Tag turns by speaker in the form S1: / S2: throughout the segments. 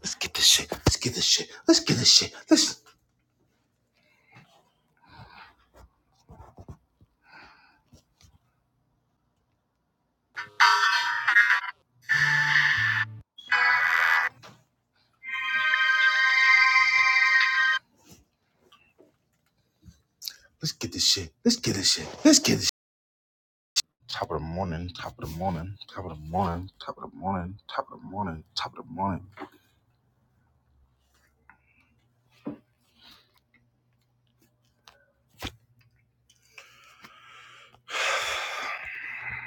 S1: Let's get this shit. Let's get this shit. Let's get this shit. Let's let's get this shit. Let's get this shit. Let's get this. shit. Top of the morning. Top of the morning. Top of the morning. Top of the morning. Top of the morning. Top of the morning.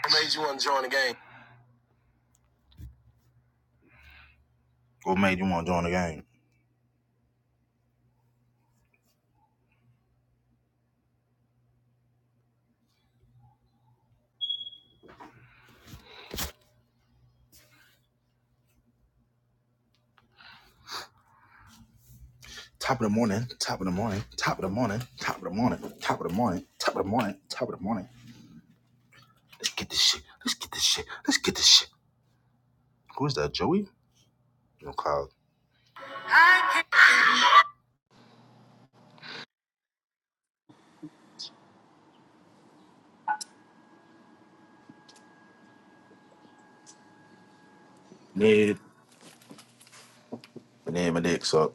S1: What made you want to join the game? What made you want to join the game? Top of the morning. Top of the morning. Top of the morning. Top of the morning. Top of the morning. Top of the morning. Top of the morning. Let's get this shit. Let's get this shit. Let's get this shit. Who is that? Joey? No, Cloud. Ned. And then my dick Up.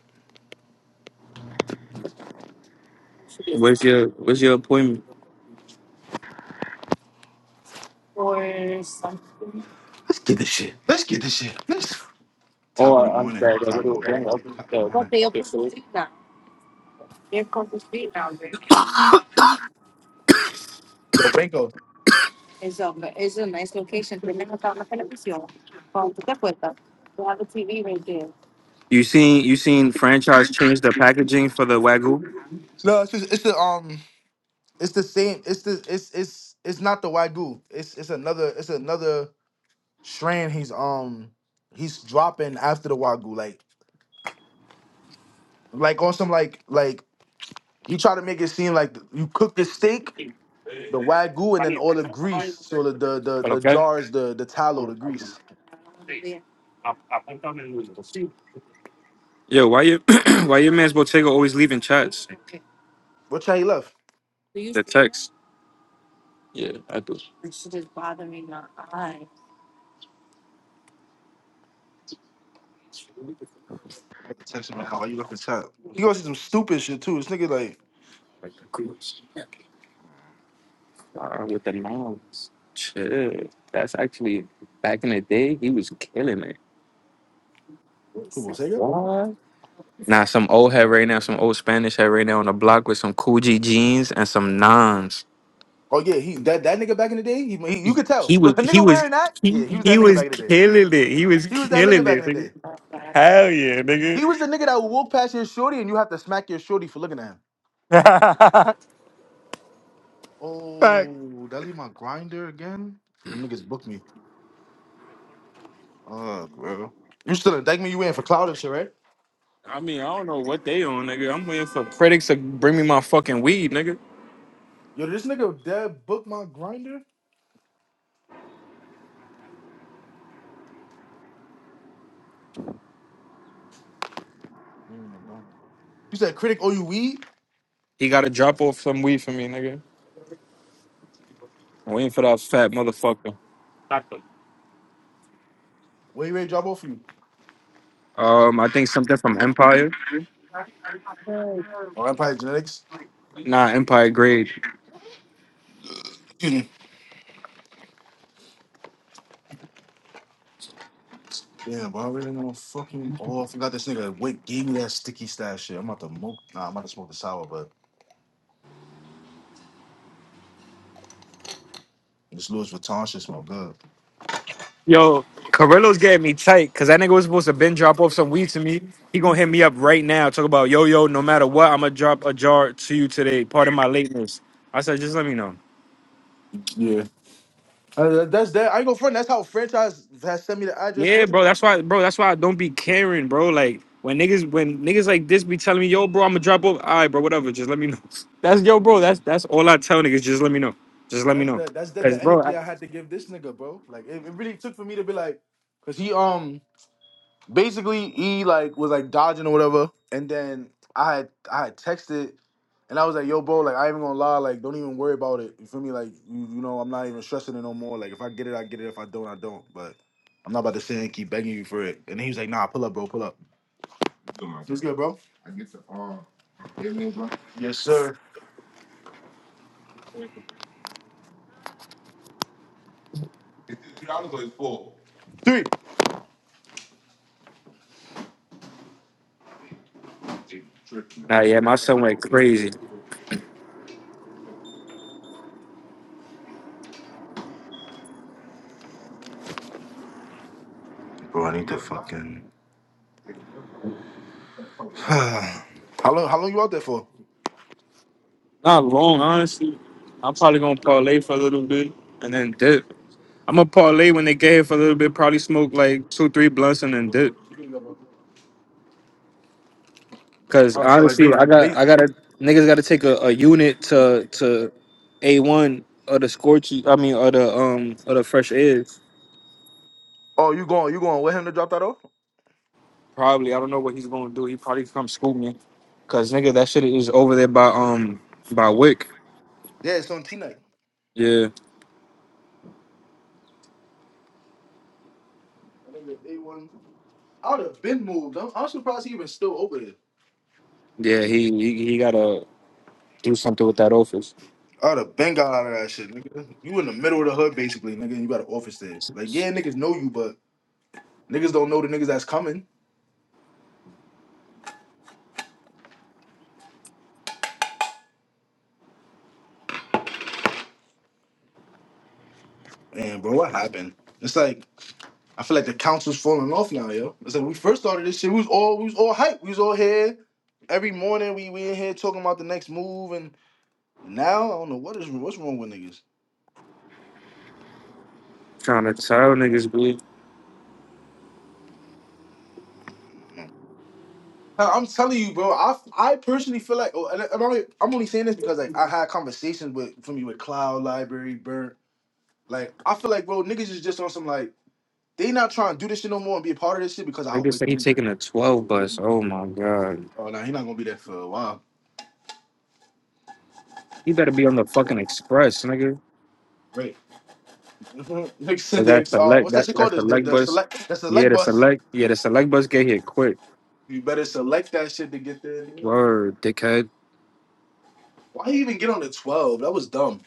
S2: What's your What's your appointment?
S1: Let's get this shit. Let's get this shit. Let's.
S2: Oh,
S1: Top of the
S2: I'm
S1: morning.
S2: sorry. I gotta
S1: Top of the morning.
S2: go.
S1: Top of
S2: Uh,
S1: the
S2: What
S1: morning.
S2: they open for you now?
S1: Yo, Franco.
S2: You seen You seen franchise change the packaging for the wagyu?
S1: No, it's just, it's the um it's the same it's the it's it's it's not the Wagyu. It's it's another it's another strand he's um he's dropping after the Wagyu. Like like on some like like you try to make it seem like you cook the steak, the Wagyu, and then all the grease. So the the the, the
S2: Okay.
S1: jars, the the tallow, the grease.
S2: Yo, why you Why your man's Bottega always leaving chats?
S1: What try he left?
S2: Do you- The text. Yeah, I do.
S1: Attention, man. How are you looking top? He goes to some stupid shit too. This nigga like
S2: Uh, with the moms. Chill. That's actually back in the day. He was killing it.
S1: Who Sega?
S2: Nah, some old head right now. Some old Spanish head right now on the block with some Coogee jeans and some nons.
S1: Oh yeah, he that, that nigga back in the day, he, he- you
S2: he
S1: could tell.
S2: he was
S1: a
S2: he
S1: nigga
S2: was
S1: wearing that,
S2: he,
S1: yeah, he was
S2: he
S1: that nigga
S2: was
S1: back in the day.
S2: killing it. He was
S1: He was that nigga
S2: killing
S1: back
S2: it,
S1: in the
S2: nigga.
S1: day.
S2: Hell yeah, nigga.
S1: He was the nigga that would walk past your shorty and you have to smack your shorty for looking at him.
S2: Fuck.
S1: Oh, that leave my grinder again? The niggas booked me. Fuck, bro. You still in thank me you in for cloud and shit, right?
S2: I mean, I don't know what they on, nigga. I'm waiting for critics to bring me my fucking weed, nigga.
S1: Yo, this nigga dead booked my grinder? Mm, bro. You said critic oh you weed?
S2: He got to drop off some weed for me, nigga. I'm waiting for that fat motherfucker.
S1: Where you ready to drop off for you?
S2: Um, I think something from Empire.
S1: Oh Empire Genetics.
S2: Nah, Empire Grade.
S1: Excuse me. Damn, but I really ain't gonna fucking. Oh, I forgot this nigga Wake gave me that sticky stash shit. I'm about to smoke. Nah, I'm about to smoke the sour, but this Louis Vuitton shit smell good.
S2: Yo, Carrillo's getting me tight because that nigga was supposed to bend drop off some weed to me. He gonna hit me up right now. Talk about yo yo. No matter what, I'ma drop a jar to you today. Pardon my lateness. I said, just let me know.
S1: Yeah. Uh, that's that. I ain't gonna front. That's how franchise has sent me the address.
S2: Yeah,
S1: What you
S2: bro.
S1: gonna
S2: That's why, bro. That's why I don't be caring, bro. Like when niggas, when niggas like this be telling me, yo, bro, I'ma drop off. All right, bro. Whatever. Just let me know.
S1: do?
S2: That's
S1: Just
S2: yo,
S1: let me
S2: bro. That's
S1: know.
S2: that's all I tell niggas. Just let me know. Just let me
S1: That's
S2: know.
S1: that. That's that.
S2: Cause
S1: The
S2: bro, I,
S1: energy I had to give this nigga, bro. Like it, it really took for me to be like, cause he um basically he like was like dodging or whatever, and then I had I had texted and I was like, yo, bro, like I ain't gonna lie, like don't even worry about it. You feel me? Like you, you know, I'm not even stressing it no more. Like if I get it, I get it. If I don't, I don't. But I'm not about to sit and keep begging you for it. And he was like, nah, pull up, bro, pull up. What's good, bro? I get to uh everything, bro. Yes, sir. It's Three. dollars or it's four. Three.
S2: nah, yeah, my son went crazy.
S1: Bro, I need to fucking. how long? How long you out there for?
S2: Not long, honestly. I'm probably gonna parlay for a little bit and then dip. I'm a parlay when they get here for a little bit. Probably smoke like two, three blunts and then dip. Cause
S1: All right, so like,
S2: honestly,
S1: ba-
S2: I got
S1: ba-
S2: I gotta niggas gotta take a, a unit to to a one or the scorchy. I mean, or the um or the fresh airs.
S1: Oh, you going? You going with him to drop that off?
S2: Probably I don't know what he's gonna do. He probably come scoop me. Cause nigga, that shit is over there by um by Wick.
S1: Yeah, it's on T night.
S2: Yeah,
S1: I think it's A one. I'd have been moved. I'm, I'm surprised he even still over there.
S2: yeah. He he, he gotta do something with that office.
S1: I'd have been got out of that shit, nigga. You in the middle of the hood, basically, nigga. And you got an office there. Like, yeah, niggas know you, but niggas don't know the niggas that's coming. And bro, what happened? It's like I feel like the council's falling off now, yo. It's like we first started this shit. We was all we was all hype. We was all here every morning. We we in here talking about the next move, and now I don't know what is what's wrong with niggas.
S2: Trying to tell niggas, be
S1: Uh, I'm telling you, bro. I, I personally feel like, oh, and I- I'm only, I'm only saying this because like I had conversations with from you with Cloud Library, Burnt. Like I feel like, bro, niggas is just on some like they not trying to do this shit no more and be a part of this shit because I will
S2: Niggas
S1: wake
S2: say he
S1: nigga.
S2: taking a twelve bus. Oh my god.
S1: Oh no, nah, he not gonna be there for a while.
S2: He better be on the fucking express, nigga.
S1: Great. Nigga said
S2: Cause that's
S1: this.
S2: the
S1: Uh,
S2: leg.
S1: what's that
S2: That
S1: shit called?
S2: that's
S1: The,
S2: the
S1: the
S2: leg
S1: the
S2: bus.
S1: select the
S2: Yeah,
S1: select
S2: the
S1: bus.
S2: select. Yeah, the select bus get here quick.
S1: You better select that shit to get there.
S2: Word, dickhead.
S1: Why you even get on the twelve? That was dumb.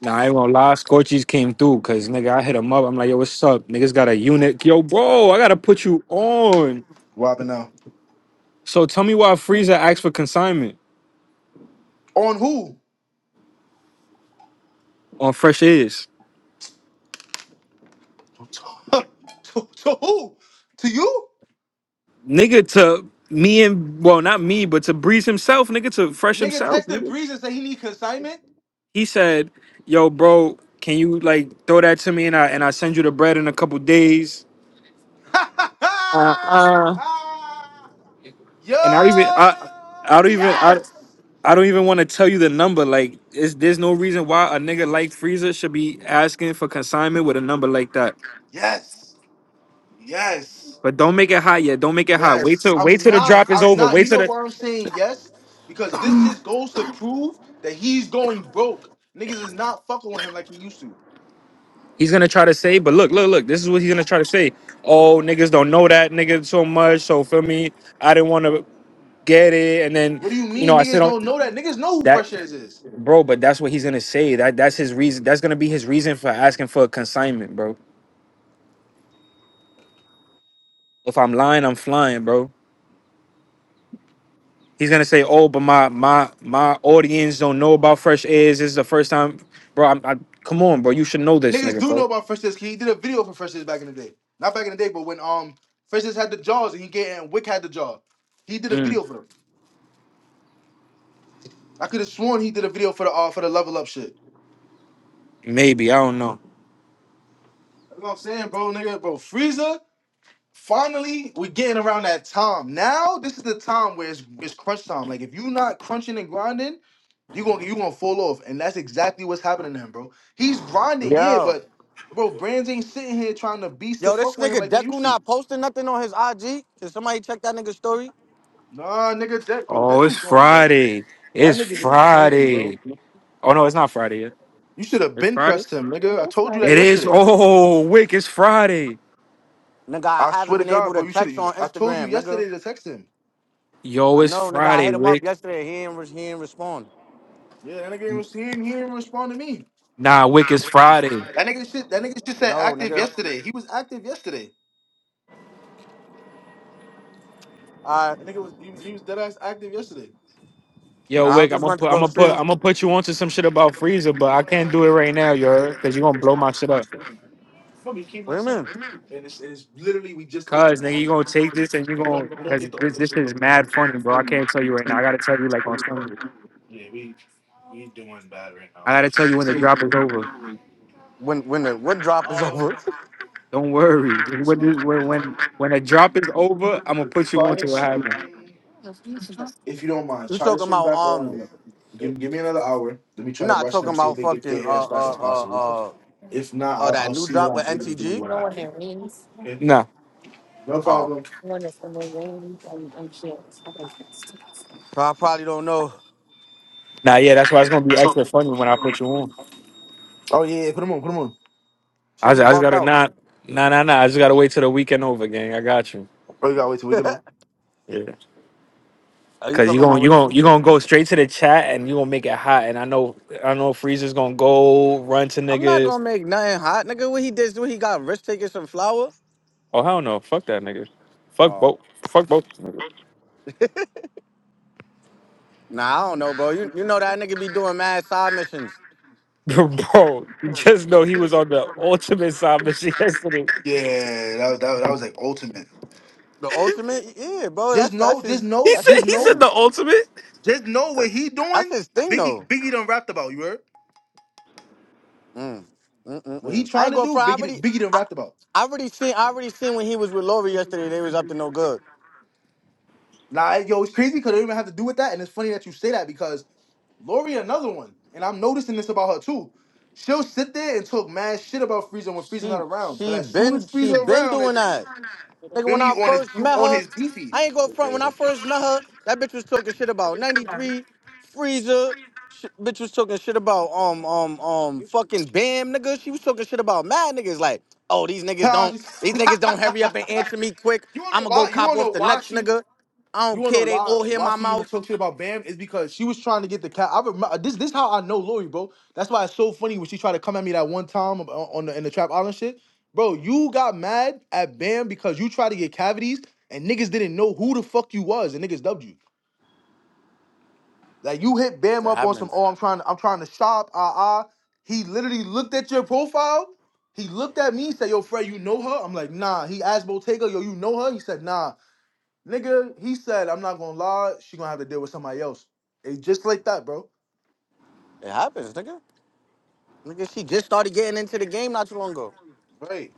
S2: Nah, I ain't gonna lie. Scorchies came through, cause nigga, I hit him up. I'm like, yo, what's up? Niggas got a unit. Yo, bro, I gotta put you on.
S1: Robbing now.
S2: So tell me why Frieza asked for consignment
S1: On who?
S2: on Fresh Is.
S1: to- to who? To you?
S2: Nigga, to me and well, not me, but to Breeze himself, nigga, to Fresh
S1: Nigga
S2: himself,
S1: texted
S2: nigga.
S1: Breeze and said he need consignment.
S2: He said, yo, bro, can you like throw that to me and I and I send you the bread in a couple days?
S1: Yo,
S2: and I don't even I I don't even I
S1: yes,
S2: I don't even want to tell you the number. Like, is there's no reason why a nigga like Freezer should be asking for consignment with a number like that.
S1: yes, yes,
S2: But don't make it hot yet. Don't make it hot. Wait
S1: yes.
S2: till
S1: I'm
S2: wait till the
S1: not.
S2: drop is
S1: I'm
S2: over.
S1: not. You
S2: Wait till
S1: know
S2: the
S1: why I'm saying yes? Because this just goes to prove that he's going broke. Niggas is not fucking with him like he used to.
S2: he's gonna try to say. But look, look, look. This is what he's gonna try to say. Oh, niggas don't know that nigga so much. So feel me. I didn't want to get it. And then
S1: What do you
S2: you know
S1: mean
S2: I said
S1: niggas
S2: on
S1: don't know that? Niggas know who
S2: that,
S1: Fresh Air is.
S2: bro. But that's what he's gonna say. That that's his reason. That's gonna be his reason for asking for a consignment, bro. If I'm lying, I'm flying, bro. He's gonna say, "Oh, but my my my audience don't know about Fresh Airs. This is the first time, bro. I'm, I, come on, bro. You should know this,
S1: Niggas
S2: nigga,
S1: do
S2: bro.
S1: know about Fresh Liz. He did a video for Fresh Liz back in the day. Not back in the day, but when um Fresh Liz had the jaws and he get and Wick had the jaw, he did a
S2: Mm,
S1: video for them. I could have sworn he did a video for the uh, for the level up shit.
S2: maybe I don't know.
S1: That's what I'm saying, bro, nigga, bro. Frieza, finally we getting around that time. Now this is the time where it's, it's crunch time. Like if you not crunching and grinding, you gonna you gonna fall off, and that's exactly what's happening to him, bro. He's grinding, yeah,
S3: Yo.
S1: but bro, brands ain't sitting here trying to beast to
S3: Yo, this
S1: fuck with him
S3: nigga
S1: like they
S3: Deku
S1: used to.
S3: not posting nothing on his IG. Can somebody check that nigga's story?
S1: Nah, nigga, Deck, bro,
S2: Oh, it's
S1: Deku gone, bro.
S2: Friday.
S1: Y'all
S2: It's
S1: niggas is playing, bro.
S2: Friday. Oh no, it's not Friday. yet.
S1: You should have
S2: It's
S1: been
S2: Friday.
S1: pressed him, nigga. I told you that
S2: It is.
S1: yesterday.
S2: Oh, Wick, it's Friday.
S3: Nigga, I
S1: I swear
S3: haven't
S1: to
S3: been able
S1: God,
S3: to
S1: bro. You should
S3: text
S1: have.
S3: on
S1: I told you
S3: Instagram, nigga.
S1: yesterday to text him.
S2: Yo,
S3: I
S2: it's
S3: know, nigga. I
S2: Friday,
S3: hit him up
S2: Wick.
S3: yesterday. He ain't, re- he ain't respond.
S1: Yeah, that nigga ain't res- he didn't, he didn't respond to me.
S2: Nah, Wick, it's Friday.
S1: That nigga shit. That nigga shit
S3: I
S1: said
S3: know,
S1: active
S3: nigga.
S1: yesterday. He was active yesterday.
S3: All right.
S1: That nigga was he, he was dead ass active yesterday.
S2: Yo,
S3: I
S2: Wick, I'm
S3: just
S2: gonna
S3: went to
S2: put, I'm
S3: go
S2: gonna put,
S3: see.
S2: I'm gonna put you onto some shit about Freezer, but I can't do it right now, yo, because you're gonna blow my shit up.
S3: Wait you mean?
S1: And it's, and it's literally we just opened
S2: Cause
S1: the
S2: nigga,
S1: hour.
S2: you
S1: We
S2: gonna take this and you gonna
S1: don't, we don't
S2: cause
S1: get the
S2: this
S1: other
S2: this shit
S1: shit.
S2: is
S1: look, look.
S2: mad funny, bro. I can't tell you right now. I gotta tell you like on Sunday.
S1: Yeah, we we doing bad right now.
S2: I gotta tell you when the drop is over.
S3: When when the what drop is
S1: Um,
S3: over?
S2: Don't worry. Just When
S1: so,
S2: this, when when when the drop is over, I'm gonna put you on to what happened.
S1: uh, if you don't mind,
S3: you
S1: try to
S3: talking
S1: swing
S3: about
S1: back around a
S3: um?
S1: little. Give, give me another hour. Let me
S3: you
S1: try to
S3: not
S1: rush
S3: talking
S1: them, see if
S3: about
S1: they can get
S3: fucking uh
S1: here as fast
S3: uh
S1: as possible.
S3: uh uh
S1: If not,
S3: uh
S1: I'll,
S3: that
S1: I'll
S3: new
S1: see what
S3: drop with
S1: I'm able to do with
S3: NTG?
S1: what I have. Okay?
S2: Nah,
S1: No
S3: Oh,
S1: problem.
S3: so I probably don't know.
S2: nah, yeah. That's why it's gonna be extra funny when I put you on.
S1: Oh yeah, yeah, put them on, put them on.
S2: I
S3: Should
S2: just,
S3: be
S2: I just
S3: bugged
S2: gotta
S3: out.
S2: not nah nah nah. I just gotta wait till the weekend over, gang. I got you.
S1: Oh, you gotta wait till we get on.
S2: Yeah.
S3: Are you
S2: Cause you
S3: talking
S2: gonna
S3: about
S2: you
S3: with
S2: gonna
S3: the?
S2: you gonna go straight to the chat and you gonna make it hot. And I know I know Freezer's gonna go run to
S3: I'm not
S2: niggas.
S3: gonna make nothing hot, nigga. What he did, what he got rich taking some flour?
S2: Oh hell no! Fuck that nigga. Fuck
S3: Oh,
S2: both. Fuck both.
S3: nah, I don't know, bro. You you know that nigga be doing mad side missions.
S2: Bro, just know he was on the ultimate side mission yesterday.
S1: Yeah, that was that, was- that was like ultimate.
S3: The ultimate, yeah, bro.
S1: Just
S3: That's that's
S1: know, just
S3: his
S2: He
S1: know,
S3: that's
S2: said
S1: just
S3: his
S2: he said
S1: know,
S3: thing.
S2: the ultimate.
S1: just know
S3: Uh,
S1: what he
S3: That's
S1: doing.
S3: his thing,
S1: Biggie,
S3: though.
S1: Biggie done rapped about you heard.
S3: Mm.
S1: What he
S3: Mm-mm-mm. I
S1: trying
S3: ain't
S1: to
S3: going
S1: do,
S3: for. I
S1: Biggie,
S3: already,
S1: Biggie done
S3: I,
S1: rapped about.
S3: I already seen. I already seen when he was with Lori yesterday. They was up to no good.
S1: Nah, yo, it's crazy because they don't even have to do with that, and it's funny that you say that because Lori, another one, and I'm noticing this about her too. She'll sit there and talk mad shit about Frieza when Frieza not
S3: She
S1: around, but
S3: she
S1: as soon
S3: been
S1: as
S3: she
S1: Frieza
S3: been
S1: around,
S3: doing
S1: it's
S3: that. Nigga,
S1: feel
S3: when
S1: me
S3: I
S1: on his
S3: first
S1: you
S3: met
S1: on
S3: her,
S1: his beefy.
S3: I ain't go front. When I first met her, that bitch was talking shit about 93 Freezer. Sh- bitch was talking shit about um um um fucking Bam nigga. She was talking shit about mad niggas like, oh these niggas
S1: Ah,
S3: don't
S1: she's-
S3: these niggas don't hurry up and answer me quick.
S1: you wanna know
S3: I'ma go
S1: why? You
S3: cop
S1: wanna
S3: off
S1: know
S3: the
S1: why
S3: nuts,
S1: she?
S3: nigga. I
S1: You
S3: don't
S1: wanna
S3: care.
S1: know
S3: They
S1: why
S3: all hear
S1: why
S3: my
S1: she even
S3: mouth.
S1: talk shit about Bam? Is because she was trying to get the cat. I remember this. This how I know Lori, bro. That's why it's so funny when she tried to come at me that one time on on the in the Trap Island shit, bro. You got mad at Bam because you tried to get cavities and niggas didn't know who the fuck you was and niggas dubbed you. Like you hit Bam
S3: It
S1: up on some,
S3: happens.
S1: oh, I'm trying to, I'm trying to shop, ah uh, ah. Uh. He literally looked at your profile. He looked at me, said, Yo, Fred, you know her? I'm like, nah. He asked Bottega, yo, you know her? He said, nah. Nigga, he said, I'm not gonna lie, she gonna have to deal with somebody else. It's just like that, bro.
S3: It happens, nigga. Nigga, she just started getting into the game not too long ago.
S1: Right.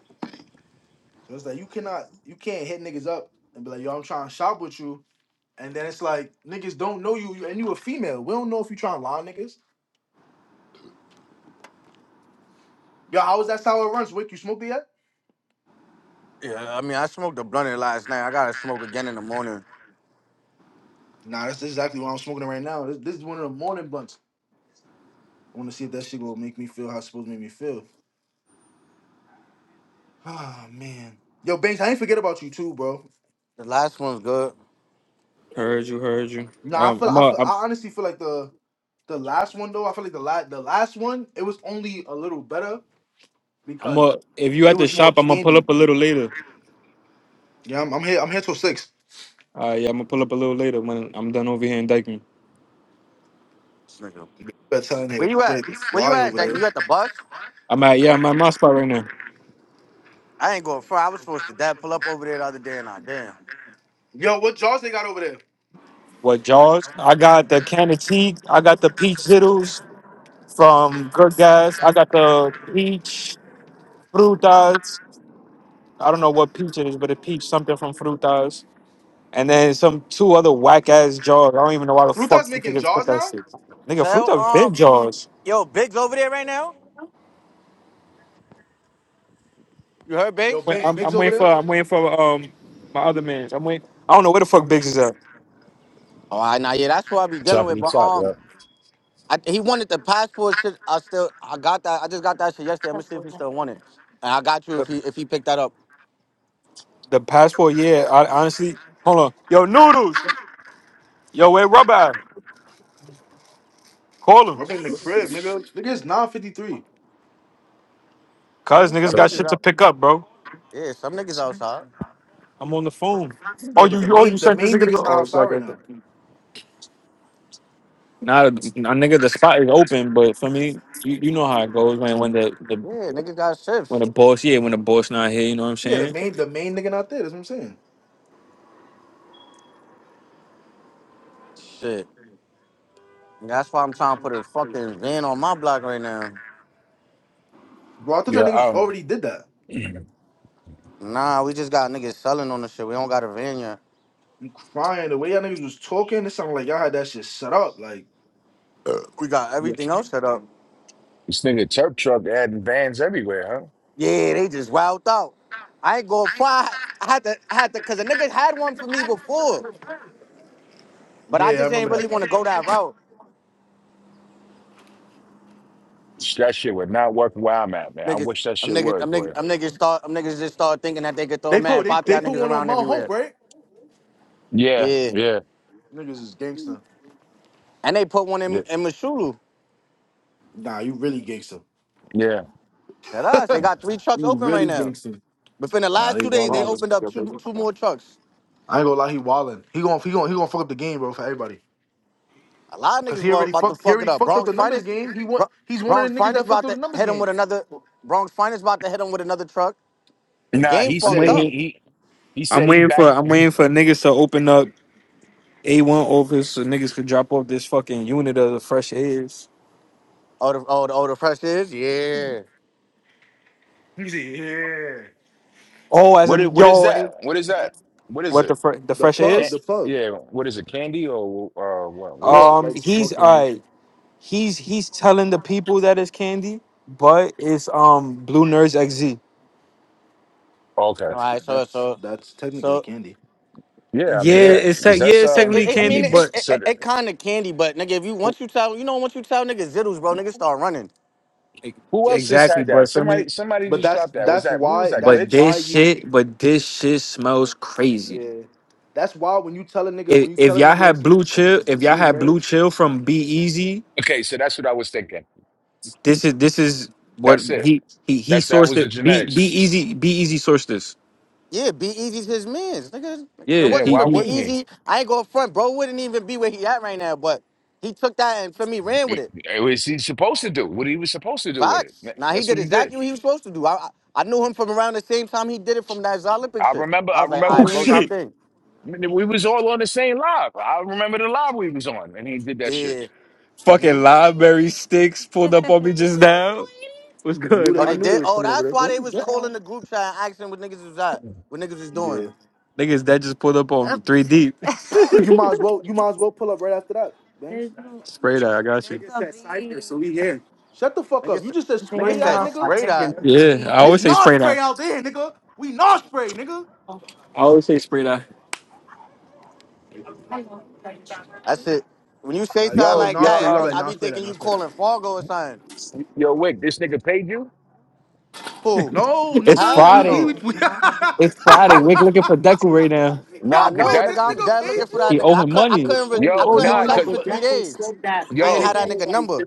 S1: So it's like you cannot, you can't hit niggas up and be like, yo, I'm trying to shop with you. And then it's like, niggas don't know you, and you a female. We don't know if you trying to lie, niggas. Yo, how is that sour runs? Wick, you smoking yet?
S3: Yeah, I mean I smoked a blunt last night. I gotta smoke again in the morning.
S1: Nah, that's exactly what I'm smoking right now. This, this is one of the morning blunts. I want to see if that shit will make me feel how it's supposed to make me feel. Ah oh, man, yo Banks, I ain't forget about you too, bro.
S3: The last one's good.
S2: Heard you, heard you.
S1: Nah, I
S2: Um,
S1: feel,
S2: I'm
S1: I
S2: a,
S1: feel,
S2: I'm,
S1: I honestly feel like the the last one though. I feel like the last the last one it was only a little better
S2: I'm
S1: because
S2: a. If you
S1: it
S2: at the
S1: was more
S2: shop, I'm gonna pull
S1: candy.
S2: up a little later.
S1: Yeah, I'm, I'm here. I'm here till six.
S2: Uh, yeah, I'm gonna pull up a little later when I'm done over here in Dykeman.
S3: This nigga
S1: Better Bedtime
S3: Where
S1: here,
S3: you at?
S1: Fred, to
S3: Where you
S1: fly
S3: at,
S1: over there.
S3: Dyke? You at the bus?
S2: I'm at yeah, I'm at my spot right now.
S3: I ain't going front. I was supposed to dad pull up over there the other day and I damn.
S1: Yo, what jaws they got over there?
S2: What Jaws? I got the can of tea. I got the peach zittles from Good Guys. I got the peach frutas. I don't know what peach it is, but a peach something from frutas. And then some two other whack ass jaws. I don't even know why the fuck
S1: Fruta's
S2: you
S1: making
S2: niggas put
S1: jaws
S2: that
S1: now.
S2: shit. Nigga,
S3: Tell
S2: Fruta been
S3: um
S2: jaws.
S3: yo, Biggs over there right now? You heard
S1: Yo,
S3: Biggs?
S2: Wait,
S1: Banks,
S2: I'm,
S1: Big's
S2: I'm
S1: over
S2: waiting for
S1: there.
S2: I'm waiting for um my other man's. I'm waiting. I don't know where the fuck Biggs is at.
S3: Oh I now yeah, that's what I be dealing
S4: Top of
S3: with.
S4: the
S3: But
S4: top, yeah.
S3: um I, he wanted the passport shit. I still I got that I just got that shit yesterday. I'm gonna see if he still want it. And I got you
S2: The,
S3: if he if he picked that up.
S2: the passport, yeah. I honestly, hold on. Yo, noodles. Yo, where rubber? at? Call him.
S1: Rubbing the crib, nigga. Nigga's nine fifty three.
S2: Cause
S3: Mm,
S2: niggas
S3: some
S2: got
S4: Top.
S3: niggas
S2: shit to
S3: out
S2: pick up, bro.
S3: yeah, some niggas outside.
S2: I'm on the phone. Oh,
S1: Yeah, but
S2: you,
S1: the
S2: you oh
S1: main
S2: you
S1: the
S2: sent this
S1: main
S2: nigga to
S1: nigga's
S2: go.
S1: not
S2: Oh,
S1: outside
S2: got,
S1: right
S2: got,
S1: now.
S2: got. Nah, nah, nigga, the spot is open, but for me, you, you know how it goes when when the, the
S3: Yeah, niggas got
S2: when
S3: shifts.
S2: the boss yeah when the boss not here, you know what I'm
S1: Yeah, the
S2: saying?
S1: main the main nigga not there. That's what I'm saying.
S3: Shit. That's why I'm trying to put a fucking van on my block right now.
S1: Bro, I thought y'all
S4: Yeah,
S1: niggas
S4: um,
S1: already did that.
S4: this
S3: Nah, we just got niggas selling on the shit. We don't got a van yet.
S1: You crying the way y'all niggas was talking. It sounded like y'all had that shit set up. Like,
S3: We got everything else set up.
S4: nigga Turp Truck adding vans everywhere, huh?
S3: Yeah, they just wowed out. I ain't going far. I had to, I had to, cause the niggas had one for me before, but I
S1: yeah, I
S3: just ain't
S1: remember that.
S3: really want to go that route.
S4: That shit would not work where I'm at, man. I
S3: Niggas,
S4: wish that
S3: I'm
S4: shit
S3: niggas,
S4: would,
S3: I'm niggas,
S4: boy.
S3: I'm niggas start, I'm niggas just start thinking that they could throw
S1: They put
S3: mad
S1: they
S3: pop y'all
S1: they put
S3: niggas
S1: one on
S3: around
S1: Mount Hope,
S3: everywhere.
S1: right?
S4: Yeah,
S3: Yeah,
S4: yeah,
S1: Niggas is gangster.
S3: and they put one in
S4: yeah,
S3: in Mashulu.
S1: Nah, you really gangster.
S4: yeah.
S3: At us, they got three trucks
S1: You
S3: open right
S1: really
S3: now.
S1: gangster.
S3: Within the
S1: Nah,
S3: last
S1: they
S3: two days, they
S1: wildin'.
S2: I'm
S3: opened up two two more trucks.
S1: I ain't gonna lie, he wildin'. He gon' he gon' he gon' fuck up the game, bro, for everybody.
S3: A lot of
S1: Cause
S3: niggas
S1: he
S3: wa-
S1: already
S3: about to
S1: fucked he
S3: fuck it
S1: already
S3: up.
S1: fucked up
S3: Bronx
S1: the numbers
S3: Finest,
S1: game. He
S3: Bro-
S1: want he's one of the
S3: Bronx
S1: niggas
S3: Finest
S1: that fucked
S3: about
S1: up the
S3: to
S1: numbers
S3: hit him
S1: game.
S3: with another. Bronx Finest about to hit him with another truck. The
S4: Nah,
S3: game
S4: he said
S3: fucked
S4: he
S3: up.
S2: waiting.
S4: he he
S2: I'm
S4: said he
S2: waiting for.
S4: back
S2: I'm
S4: he
S2: waiting for niggas to open up A one office so niggas could drop off this fucking unit of the fresh airs.
S3: Oh, the oh, the, oh, the press is yeah.
S2: Oh, as
S4: what it,
S2: in
S4: what is
S2: yo,
S4: that?
S2: ain't-
S4: What is that? What is
S2: what
S4: it?
S2: the fre- the
S1: The
S2: fresh
S4: A
S1: plug,
S4: can
S1: the
S2: airs?
S1: plug.
S4: yeah, what is it? Candy or uh what what is it?
S2: Um,
S1: Like
S2: he's all right. He's he's telling the people that it's candy, but it's um Blue Nerds XZ.
S4: Okay.
S3: All
S1: that's
S3: right, so
S1: that's
S3: so
S1: that's technically
S3: so
S1: candy.
S4: Yeah, I mean,
S2: Yeah,
S3: yeah.
S4: yeah.
S2: it's
S4: Because
S2: tech. yeah,
S4: that's
S2: it's
S3: It,
S4: um
S3: it,
S2: technically
S3: it- I
S2: candy,
S3: mean, it,
S4: s-
S2: but
S3: it,
S4: so
S3: it,
S4: the-
S3: it kind of candy, but nigga, if you
S4: who,
S3: once you tell, you know, once you tell niggas zittles, bro, niggas start running.
S2: e-,
S4: who else just
S2: exactly.
S4: had that?
S2: But for me,
S4: Somebody somebody
S1: But
S4: just
S1: that's
S4: dropped that. Was
S1: that's
S4: that who was
S1: why
S4: that
S1: that's
S2: but
S4: glitch?
S1: why
S2: this
S1: you
S2: shit, but this shit smells crazy.
S1: yeah. That's why when you tell a nigga
S2: if,
S1: when you
S2: if
S1: tell a
S2: y'all
S1: nigga
S2: had
S1: it's,
S2: blue chill,
S1: it's
S2: if y'all
S1: rude
S2: had blue
S1: nerds,
S2: chill from Be Easy,
S4: Okay, so that's what I was thinking.
S2: this is this is what
S4: That's it.
S2: he he he
S4: That's that
S2: sourced
S4: was the
S2: it. Be Be
S4: genetics.
S2: Easy Be Easy sourced this.
S3: Yeah, Be Easy's his man's. Nigga, if it
S2: Yeah,
S4: Yeah,
S3: wasn't
S2: he
S4: why
S3: for Be
S2: he.
S4: wouldn't
S3: Easy,
S4: he?
S3: I ain't going front, bro. Wouldn't even be where he at right now. But he took that and for me ran with it.
S4: It was he supposed to do what he was supposed to do with
S3: Facts.
S4: it.
S3: Now he
S4: That's
S3: did
S4: what he did.
S3: exactly what he was supposed to do. I I, I knew him from around the same time he did it from that Olympic
S4: I
S3: shit.
S4: remember.
S3: I
S4: I
S3: was like, all
S4: remember
S3: right,
S2: Oh
S4: when
S3: bro,
S4: we I,
S3: did
S2: shit!
S3: thing.
S4: we was all on the same live. I remember the live we was on, and he did that shit.
S3: Yeah. Mm-hmm.
S2: Fucking library sticks pulled up on me just now. What's
S1: I
S2: good,
S1: knew that
S3: Oh,
S1: I
S3: they
S2: nigga?
S1: knew they
S3: did.
S1: was
S3: Oh,
S1: coming
S3: that's
S1: over
S3: why they was calling the group chat and asking what niggas was at, what niggas was
S1: there.
S3: doing.
S1: Yeah.
S2: Niggas that just pulled up on three deep.
S1: you might as well you might as well pull up right after that, Banks.
S2: Spray that, I got you.
S1: Shut the fuck up.
S3: Niggas,
S1: You just said
S3: niggas
S1: spray that
S3: said
S1: nigga.
S3: spray that.
S2: Yeah, I
S1: And it's
S2: always say
S1: non
S2: spray
S1: spray
S2: that.
S1: out there, nigga. We non spray, nigga.
S2: I always say spray that.
S3: That's it. When you say
S1: Nah, you
S3: something
S4: Yo,
S1: smoke
S3: like
S1: non
S4: yo,
S1: spray,
S3: that, I
S1: you gotta be
S3: be
S1: like
S4: um,
S3: I
S1: non
S3: be
S1: spray that,
S3: thinking
S1: non
S3: you
S1: spray that.
S3: calling Fargo or something.
S4: yo, Wick, this nigga paid you?
S3: Who?
S1: No,
S2: It's
S1: nigga.
S3: Hell
S1: We we
S2: Friday.
S1: we,
S3: no.
S1: we.
S2: It's Friday.
S3: I would.
S2: We're looking for Deku right now.
S3: I
S4: Nah,
S1: Yo,
S4: cause
S3: know,
S1: wait,
S4: that,
S3: nigga.
S1: this
S3: I'm
S1: nigga
S3: dead
S1: paid
S3: looking for
S1: you?
S3: that
S2: He
S3: nigga.
S2: owe
S3: I
S2: him
S3: could. I
S2: money.
S3: couldn't. Re- I
S4: yo,
S3: couldn't
S4: nah, cause
S3: text for three days. I ain't had that
S4: yo,
S3: nigga number.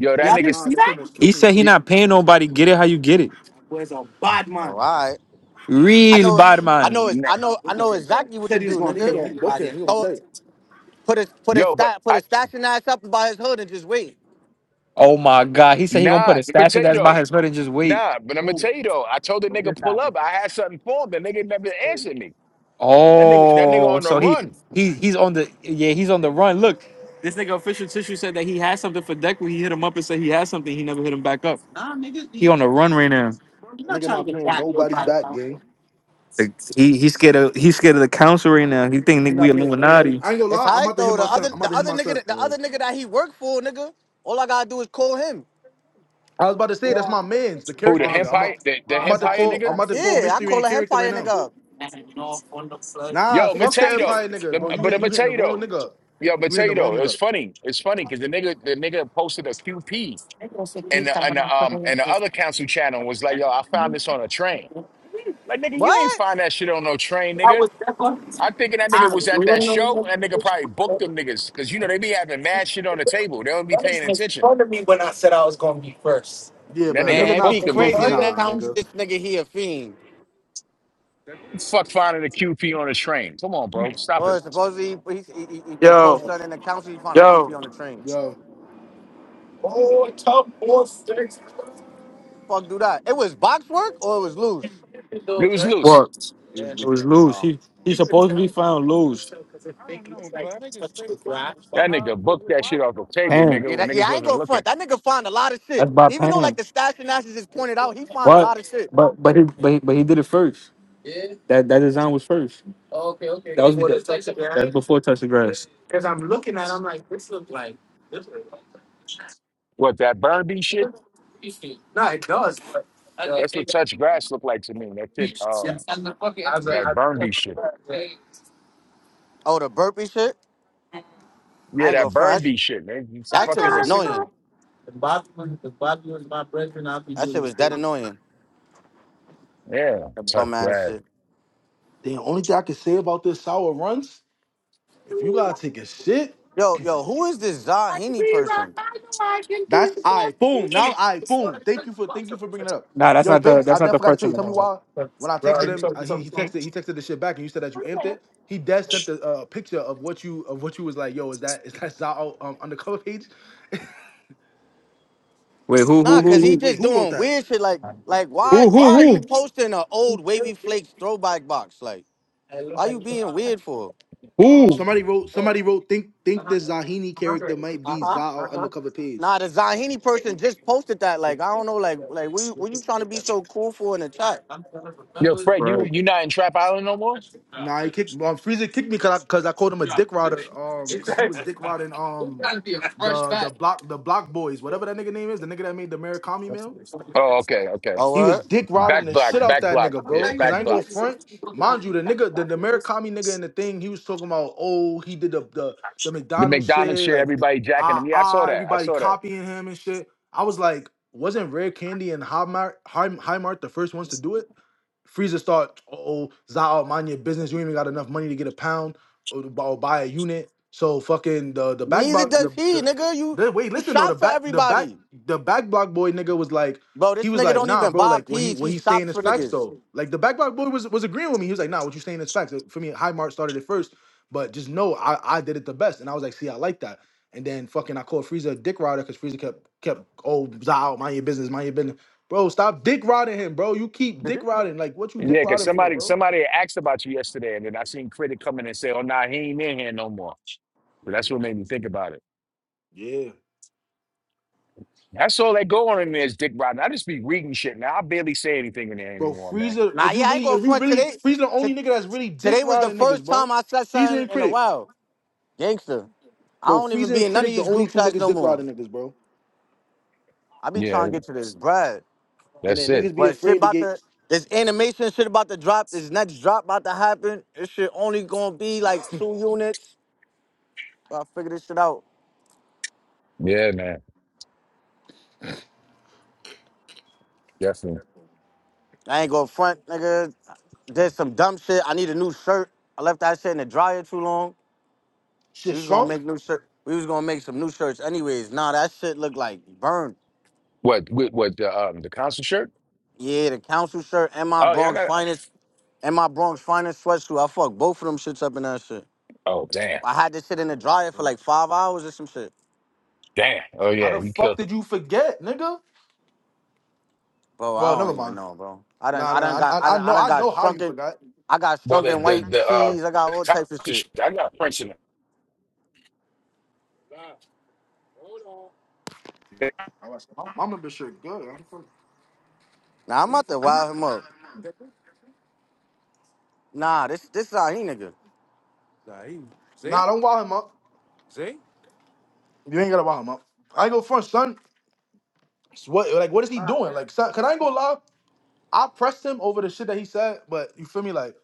S1: oh
S4: that
S1: my
S4: nigga,
S1: god, that shit almost
S2: He
S1: killed me.
S2: said he not paying nobody. Get it how you get it.
S3: Oh, all right. I
S2: Real
S3: know,
S2: bad
S3: I
S2: man.
S3: know, I know, I know exactly what to do,
S1: Nigga
S3: nigga.
S1: gonna book him. He gonna be
S3: Oh,
S1: safe.
S3: put his put his
S4: yo, but
S3: stat put
S4: I,
S3: his station ass up by his hood and just wait.
S2: Oh my god. He said he gonna
S4: nah.
S2: put a
S4: Let me
S2: statue
S4: tell you
S2: that's
S4: though.
S2: by his foot and just wait.
S4: Nah, but I'm gonna tell you though, I told the nigga pull up. I had something for him. The nigga never answered me. That nigga, that nigga
S2: Oh,
S4: on the
S2: so he
S4: run.
S2: he he's on the yeah he's on the run. Look, this nigga official tissue said that he had something for deck when He hit him up and said he had something. He never hit him back up. He on the run right now.
S1: That nigga not paying nobody back, gang.
S2: Like, He he scared of he scared of the council right now. He think
S1: He
S2: nigga we
S1: not paying nobody.
S2: Illuminati.
S1: I ain't gonna
S3: It's
S1: lie. I'm
S3: alright
S1: about to hit
S3: though.
S1: my
S3: The
S1: son.
S3: other
S1: I'm about
S3: the
S1: to hit
S3: other
S1: my
S3: nigga
S1: son.
S3: that- the other
S1: Um,
S3: nigga that he worked for, nigga. All I gotta do is call him.
S1: I was about to say that's my man's, the
S4: Who
S1: character
S4: the
S1: nigga. I'm
S4: empire?
S1: about,
S4: The, the
S1: I'm about to
S4: empire
S1: call. I'm
S4: nigga?
S1: about to call
S3: Yeah, I
S1: mystery
S3: call
S1: and
S3: a
S1: character right
S3: hempire
S1: now.
S3: nigga up.
S1: Nah,
S4: Yo, I'm gonna
S1: fuck
S4: tell
S1: the
S4: you though.
S1: empire nigga,
S4: Lem-
S1: bro. You
S4: But
S1: hit,
S4: I'm
S1: you
S4: gonna
S1: hitting
S4: tell
S1: the
S4: you
S1: wrong
S4: though.
S1: nigga up.
S4: Yo, I'm gonna
S1: You
S4: tell
S1: hitting the
S4: you
S1: wrong
S4: though. It
S1: nigga
S4: was
S1: up.
S4: funny. It's funny because the nigga, the nigga posted a QP and the, and the um and the other council channel was like, yo, I found this on a train. Like nigga, you ain't
S3: What?
S4: find that shit on no train, nigga. I'm thinking that nigga was at that show. and That nigga probably booked them niggas because you know they be having mad shit on the table. They don't be paying attention.
S1: Yeah,
S4: And that
S1: but a
S4: nigga
S1: nigga
S3: Man, it'd be
S4: booked
S1: not
S4: them
S1: both. He
S3: crazy
S4: niggas.
S3: the next
S1: nah,
S3: time
S1: nigga.
S3: this nigga he a fiend.
S4: Fuck finding a QP on a train. Come on, bro, stop it.
S3: Well, supposedly he he he, he, he posted
S2: Yo,
S3: something in the council. He found a
S2: yo,
S3: QP on the train.
S1: Yo,
S3: Fuck, do that. It was box work or it was loose.
S4: It was loose.
S2: What?
S1: it was
S2: It
S1: loose.
S2: was loose. He he's supposed to be found loose.
S4: That nigga booked that shit off the table,
S2: Damn.
S4: nigga.
S3: Yeah,
S4: When
S3: that, yeah,
S4: niggas
S3: I ain't
S4: wasn't
S3: gonna
S4: looking.
S3: front. That nigga find a lot of shit.
S2: That's by
S3: Even though
S2: Pam.
S3: like the stash and ashes is pointed out, he find a
S2: But
S3: lot of shit.
S2: but but he but he, but he did it first. That that design was first. Oh, Okay, okay. That was before the touch the grass. That's before touch the grass.
S4: What that Burnby shit? That's what touch grass looked like to me. That shit, um, that Burnby shit.
S3: Oh, the burpee shit.
S4: Yeah,
S3: I ain't
S4: that
S3: gonna front. That,
S4: Burnby
S3: sh-
S4: shit, man. You see
S3: that shit
S4: fucking
S3: was
S4: did me?
S3: annoying. That shit was that annoying.
S4: Yeah,
S3: That
S4: touch
S3: bum ass
S4: grass.
S3: shit.
S1: The only thing I can say about this sour runs, if you gotta take a shit.
S3: Yo, yo, who is this Zahini person?
S1: That's I boom. Now I boom. Thank you for thank you for bringing it up.
S2: Nah, that's
S1: Yo,
S2: not the
S1: Banks, I
S2: that's not the
S1: definitely got to
S2: first
S1: tell you. Tell me
S2: one.
S1: why. When I texted him, uh, he, he texted he texted the shit back, and you said that you amped it. He dead sent the uh, picture of what you of what you was like. Yo, is that is that Zao um, undercover page?
S2: Wait, who
S1: Or
S2: who
S3: Nah,
S1: did,
S2: who
S3: cause he
S2: who
S1: wait,
S3: just
S1: who wrote
S3: doing
S1: that?
S3: weird shit. Like, like why,
S2: who
S3: why
S2: who
S3: are
S2: who?
S3: you posting an old wavy flakes throwback box? Like, why you being weird for?
S2: who?
S1: Somebody wrote somebody wrote think think this Zahini character might be Zao undercover page.
S3: Nah, the Zahini person just posted that. Like, I don't know, like, like what you, what you trying to be so cool for in the chat?
S4: Yo, Fred, you you not in Trap Island no more?
S1: Nah, he kicked um Frieza kicked me because I, cause I called him a dick rider um because he was dick riding um the the block the block boys whatever that nigga name is the nigga that made the Murakami mail.
S4: Oh, okay, okay.
S3: Oh,
S1: He was
S3: word?
S1: dick riding
S4: Back
S1: the
S4: block,
S1: shit out
S4: back
S1: that
S4: block.
S1: nigga, bro.
S4: Yeah,
S1: Cause
S4: back
S1: I ain't go
S4: blocks.
S1: front. Mind you, the nigga, the, the Murakami nigga in the thing, he was talking about, oh, he did the the, the
S4: The
S1: McDonald's
S4: McDonald's
S1: shit,
S4: share,
S1: like
S4: everybody jacking them.
S1: ah
S4: Yeah, I saw
S1: ah,
S4: that. I
S1: everybody
S4: saw that.
S1: copying him and shit. I was like, wasn't Rare Candy and High Mart, High, High Mart the first ones to do it? Frieza start, oh, Zao, mind your business. You ain't even got enough money to get a pound or, or buy a unit. So fucking the the back
S3: Neither
S1: block
S3: does
S1: the,
S3: he,
S1: the
S3: nigga. You,
S1: the wait,
S3: you
S1: listen though,
S3: shop
S1: the
S3: for
S1: back the back
S3: everybody.
S1: the back block boy nigga was like,
S3: Bro, this
S1: he was
S3: nigga
S1: like,
S3: don't
S1: nah,
S3: even
S1: bro,
S3: buy
S1: like what he
S3: peas.
S1: what
S3: He
S1: he's saying
S3: shops
S1: is
S3: for
S1: facts
S3: niggas.
S1: though. Like the back block boy was was agreeing with me. He was like, nah, what you saying is facts. Like, For me, High Mark started it first, but just know I, I did it the best. And I was like, see, I like that. And then fucking I called Frieza a dick rider because Frieza kept kept oh Zao, mind your business, mind your business. Bro, stop dick riding him, bro. You keep dick riding. Like, what you dick
S4: Yeah, because
S1: riding for,
S4: somebody
S1: bro?
S4: somebody had asked about you yesterday, and then I seen Critic come in and say, oh, nah, he ain't in here no more. But that's what made me think about it.
S1: Yeah.
S4: That's all that go on in there is Dick Rotten. I just be reading shit now. I barely say anything in there
S1: Bro,
S4: anymore, man.
S1: Frieza,
S3: Nah,
S1: if you
S3: yeah, I ain't
S1: really,
S3: going
S1: if you
S3: front
S1: really,
S3: today.
S1: Frieza the
S3: T-
S1: only nigga that's really dick
S3: today was the
S1: riding niggas,
S3: first
S1: bro.
S3: time I said
S1: Frieza
S3: something
S1: and
S3: in a
S1: Critic.
S3: while. Gangster. I
S1: Bro,
S3: don't even
S1: Frieza
S3: be
S1: and
S3: in none of
S1: Critic the
S3: these
S1: only
S3: group
S1: two
S3: chats
S1: niggas
S3: no
S1: dick
S3: more.
S1: riding niggas, bro.
S3: I be
S4: Yeah,
S3: trying to get to this bread.
S1: And
S4: that's
S1: then
S4: it.
S1: niggas be
S3: But shit
S1: afraid to
S3: about
S1: get
S3: the this animation shit about to drop, this next drop about to happen. This shit only gonna be like two units. I figured this shit out.
S4: Yeah, man, definitely.
S3: I ain't gonna front, nigga. Did some dumb shit. I need a new shirt. I left that shit in the dryer too long.
S1: shit
S3: We was gonna
S1: shrunk.
S3: make new shirt. We was gonna make some new shirts anyways. Nah, that shit look like burned.
S4: What? What? what the um the council shirt?
S3: Yeah, the council shirt and my
S4: Oh yeah, I
S3: Bronx
S4: got.
S3: finest and my Bronx finest sweatsuit. I fucked both of them shits up in that shit.
S4: Oh damn,
S3: I had this shit in the dryer for like five hours or some shit.
S4: damn. Oh
S1: How
S4: yeah,
S1: the
S4: you killed
S1: fuck did you forget, nigga?
S3: Bro, I
S1: Well, never
S3: don't even
S1: mind.
S3: know, bro. I done
S1: Nah,
S3: I done
S1: nah, nah.
S3: got
S1: I,
S3: I
S1: I I
S3: done I
S1: know,
S3: done
S1: I
S3: got
S1: know how you
S3: shrunken
S1: forgot.
S3: I got
S4: But the
S3: shrunken
S4: the
S3: white
S4: the uh,
S3: tees. I
S4: the
S3: got all
S4: top-
S3: types of shit.
S4: I got prints in it.
S1: I was- My mama been shit good. I'm fuck-
S3: Now I'm about to wild him up. Nah, this this is how he nigga.
S1: Nah, don't wild him up. You ain't gotta wild him up. I ain't go front, son. It's What, like, what is he doing? Like, son, can I ain't go lie? I pressed him over the shit that he said, but you feel me? Like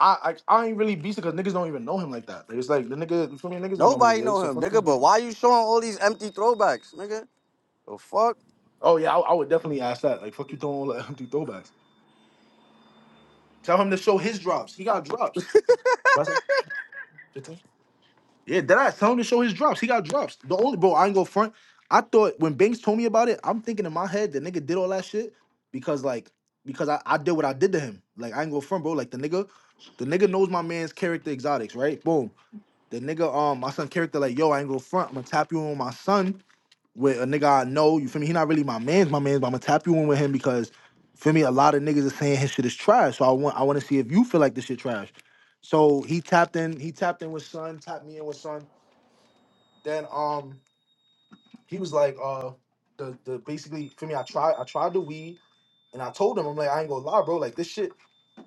S1: I I, I ain't really beast it because niggas don't even know him like that. Like, it's like the nigga, you feel me? Niggas don't know who
S3: Nobody
S1: he is.
S3: know
S1: So
S3: him,
S1: fuck you.
S3: nigga.
S1: bi-
S3: But why you showing all these empty throwbacks, nigga? The fuck?
S1: Oh yeah, I, I would definitely ask that. Like fuck you, throwing all that empty throwbacks. Tell him to show his drops. He got drops. What's that? Fifteen. Yeah, that I tell him to show his drops. He got drops. The only bro, I ain't go front. I thought when Banks told me about it, I'm thinking in my head the nigga did all that shit because like because I, I did what I did to him. Like I ain't go front, bro. Like the nigga, the nigga knows my man's character exotics, right? Boom. The nigga, um, my son character, like, yo, I ain't go front. I'm gonna tap you in with my son with a nigga I know. You feel me? He not really my man's my man's, but I'm gonna tap you in with him because feel me, a lot of niggas are saying his shit is trash. So I want I wanna see if you feel like this shit trash. So he tapped in, he tapped in with son, tapped me in with son. Then um he was like, uh the the basically feel me, I tried I tried the weed and I told him, I'm like, I ain't gonna lie, bro, like this shit,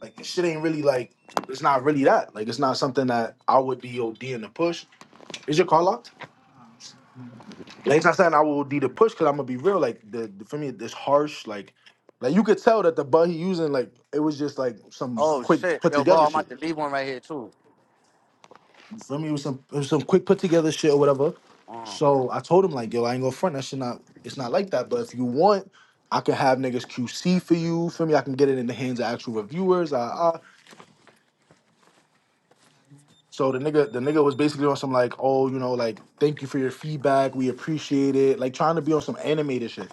S1: like this shit ain't really like it's not really that. Like it's not something that I would be ODing to push. Is your car locked? Like I'm saying, I will need a push because I'm gonna be real. Like the, the for me, this harsh. Like, like you could tell that the bud he using, like it was just like some
S3: Oh
S1: quick
S3: shit,
S1: put
S3: yo, bro,
S1: together
S3: I'm about
S1: shit.
S3: to leave one right here too.
S1: For me, it was some it was some quick put together shit or whatever.
S3: Mm,
S1: So I told him like, yo, I ain't gonna front. That shit not. It's not like that. But if you want, I could have niggas QC for you. For me, I can get it in the hands of actual reviewers. Ah, ah. So the nigga, the nigga was basically on some like, oh, you know, like thank you for your feedback. We appreciate it. Like trying to be on some animated shit.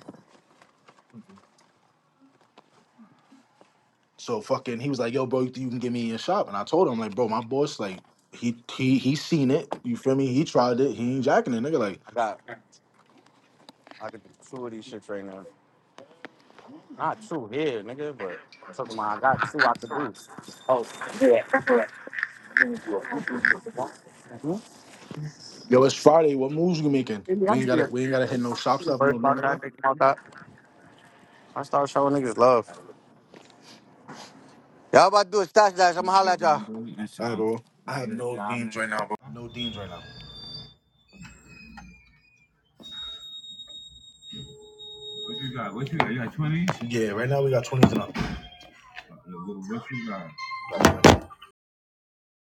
S1: So fucking, he was like, "Yo, bro, you think you can get me in your shop?" And I told him, like, "Bro, my boss, like, he he he seen it. You feel me? He tried it. He ain't jacking it, nigga. Like,
S3: I got I could do two of these shits right now. Not two here, nigga, but talking about I got two I could do. Oh, mhm.
S1: yo, it's Friday. What moves you making? We ain't gotta we ain't gotta hit no shops up, no no stuff.
S3: I start showing niggas love. Y'all about to do a stash dash. I'ma holla at y'all.
S1: All right, bro. I have no deans right now, bro. No deans right now. What What you you You got? got? got twenties? Yeah, right now we got twenties and up. What you got?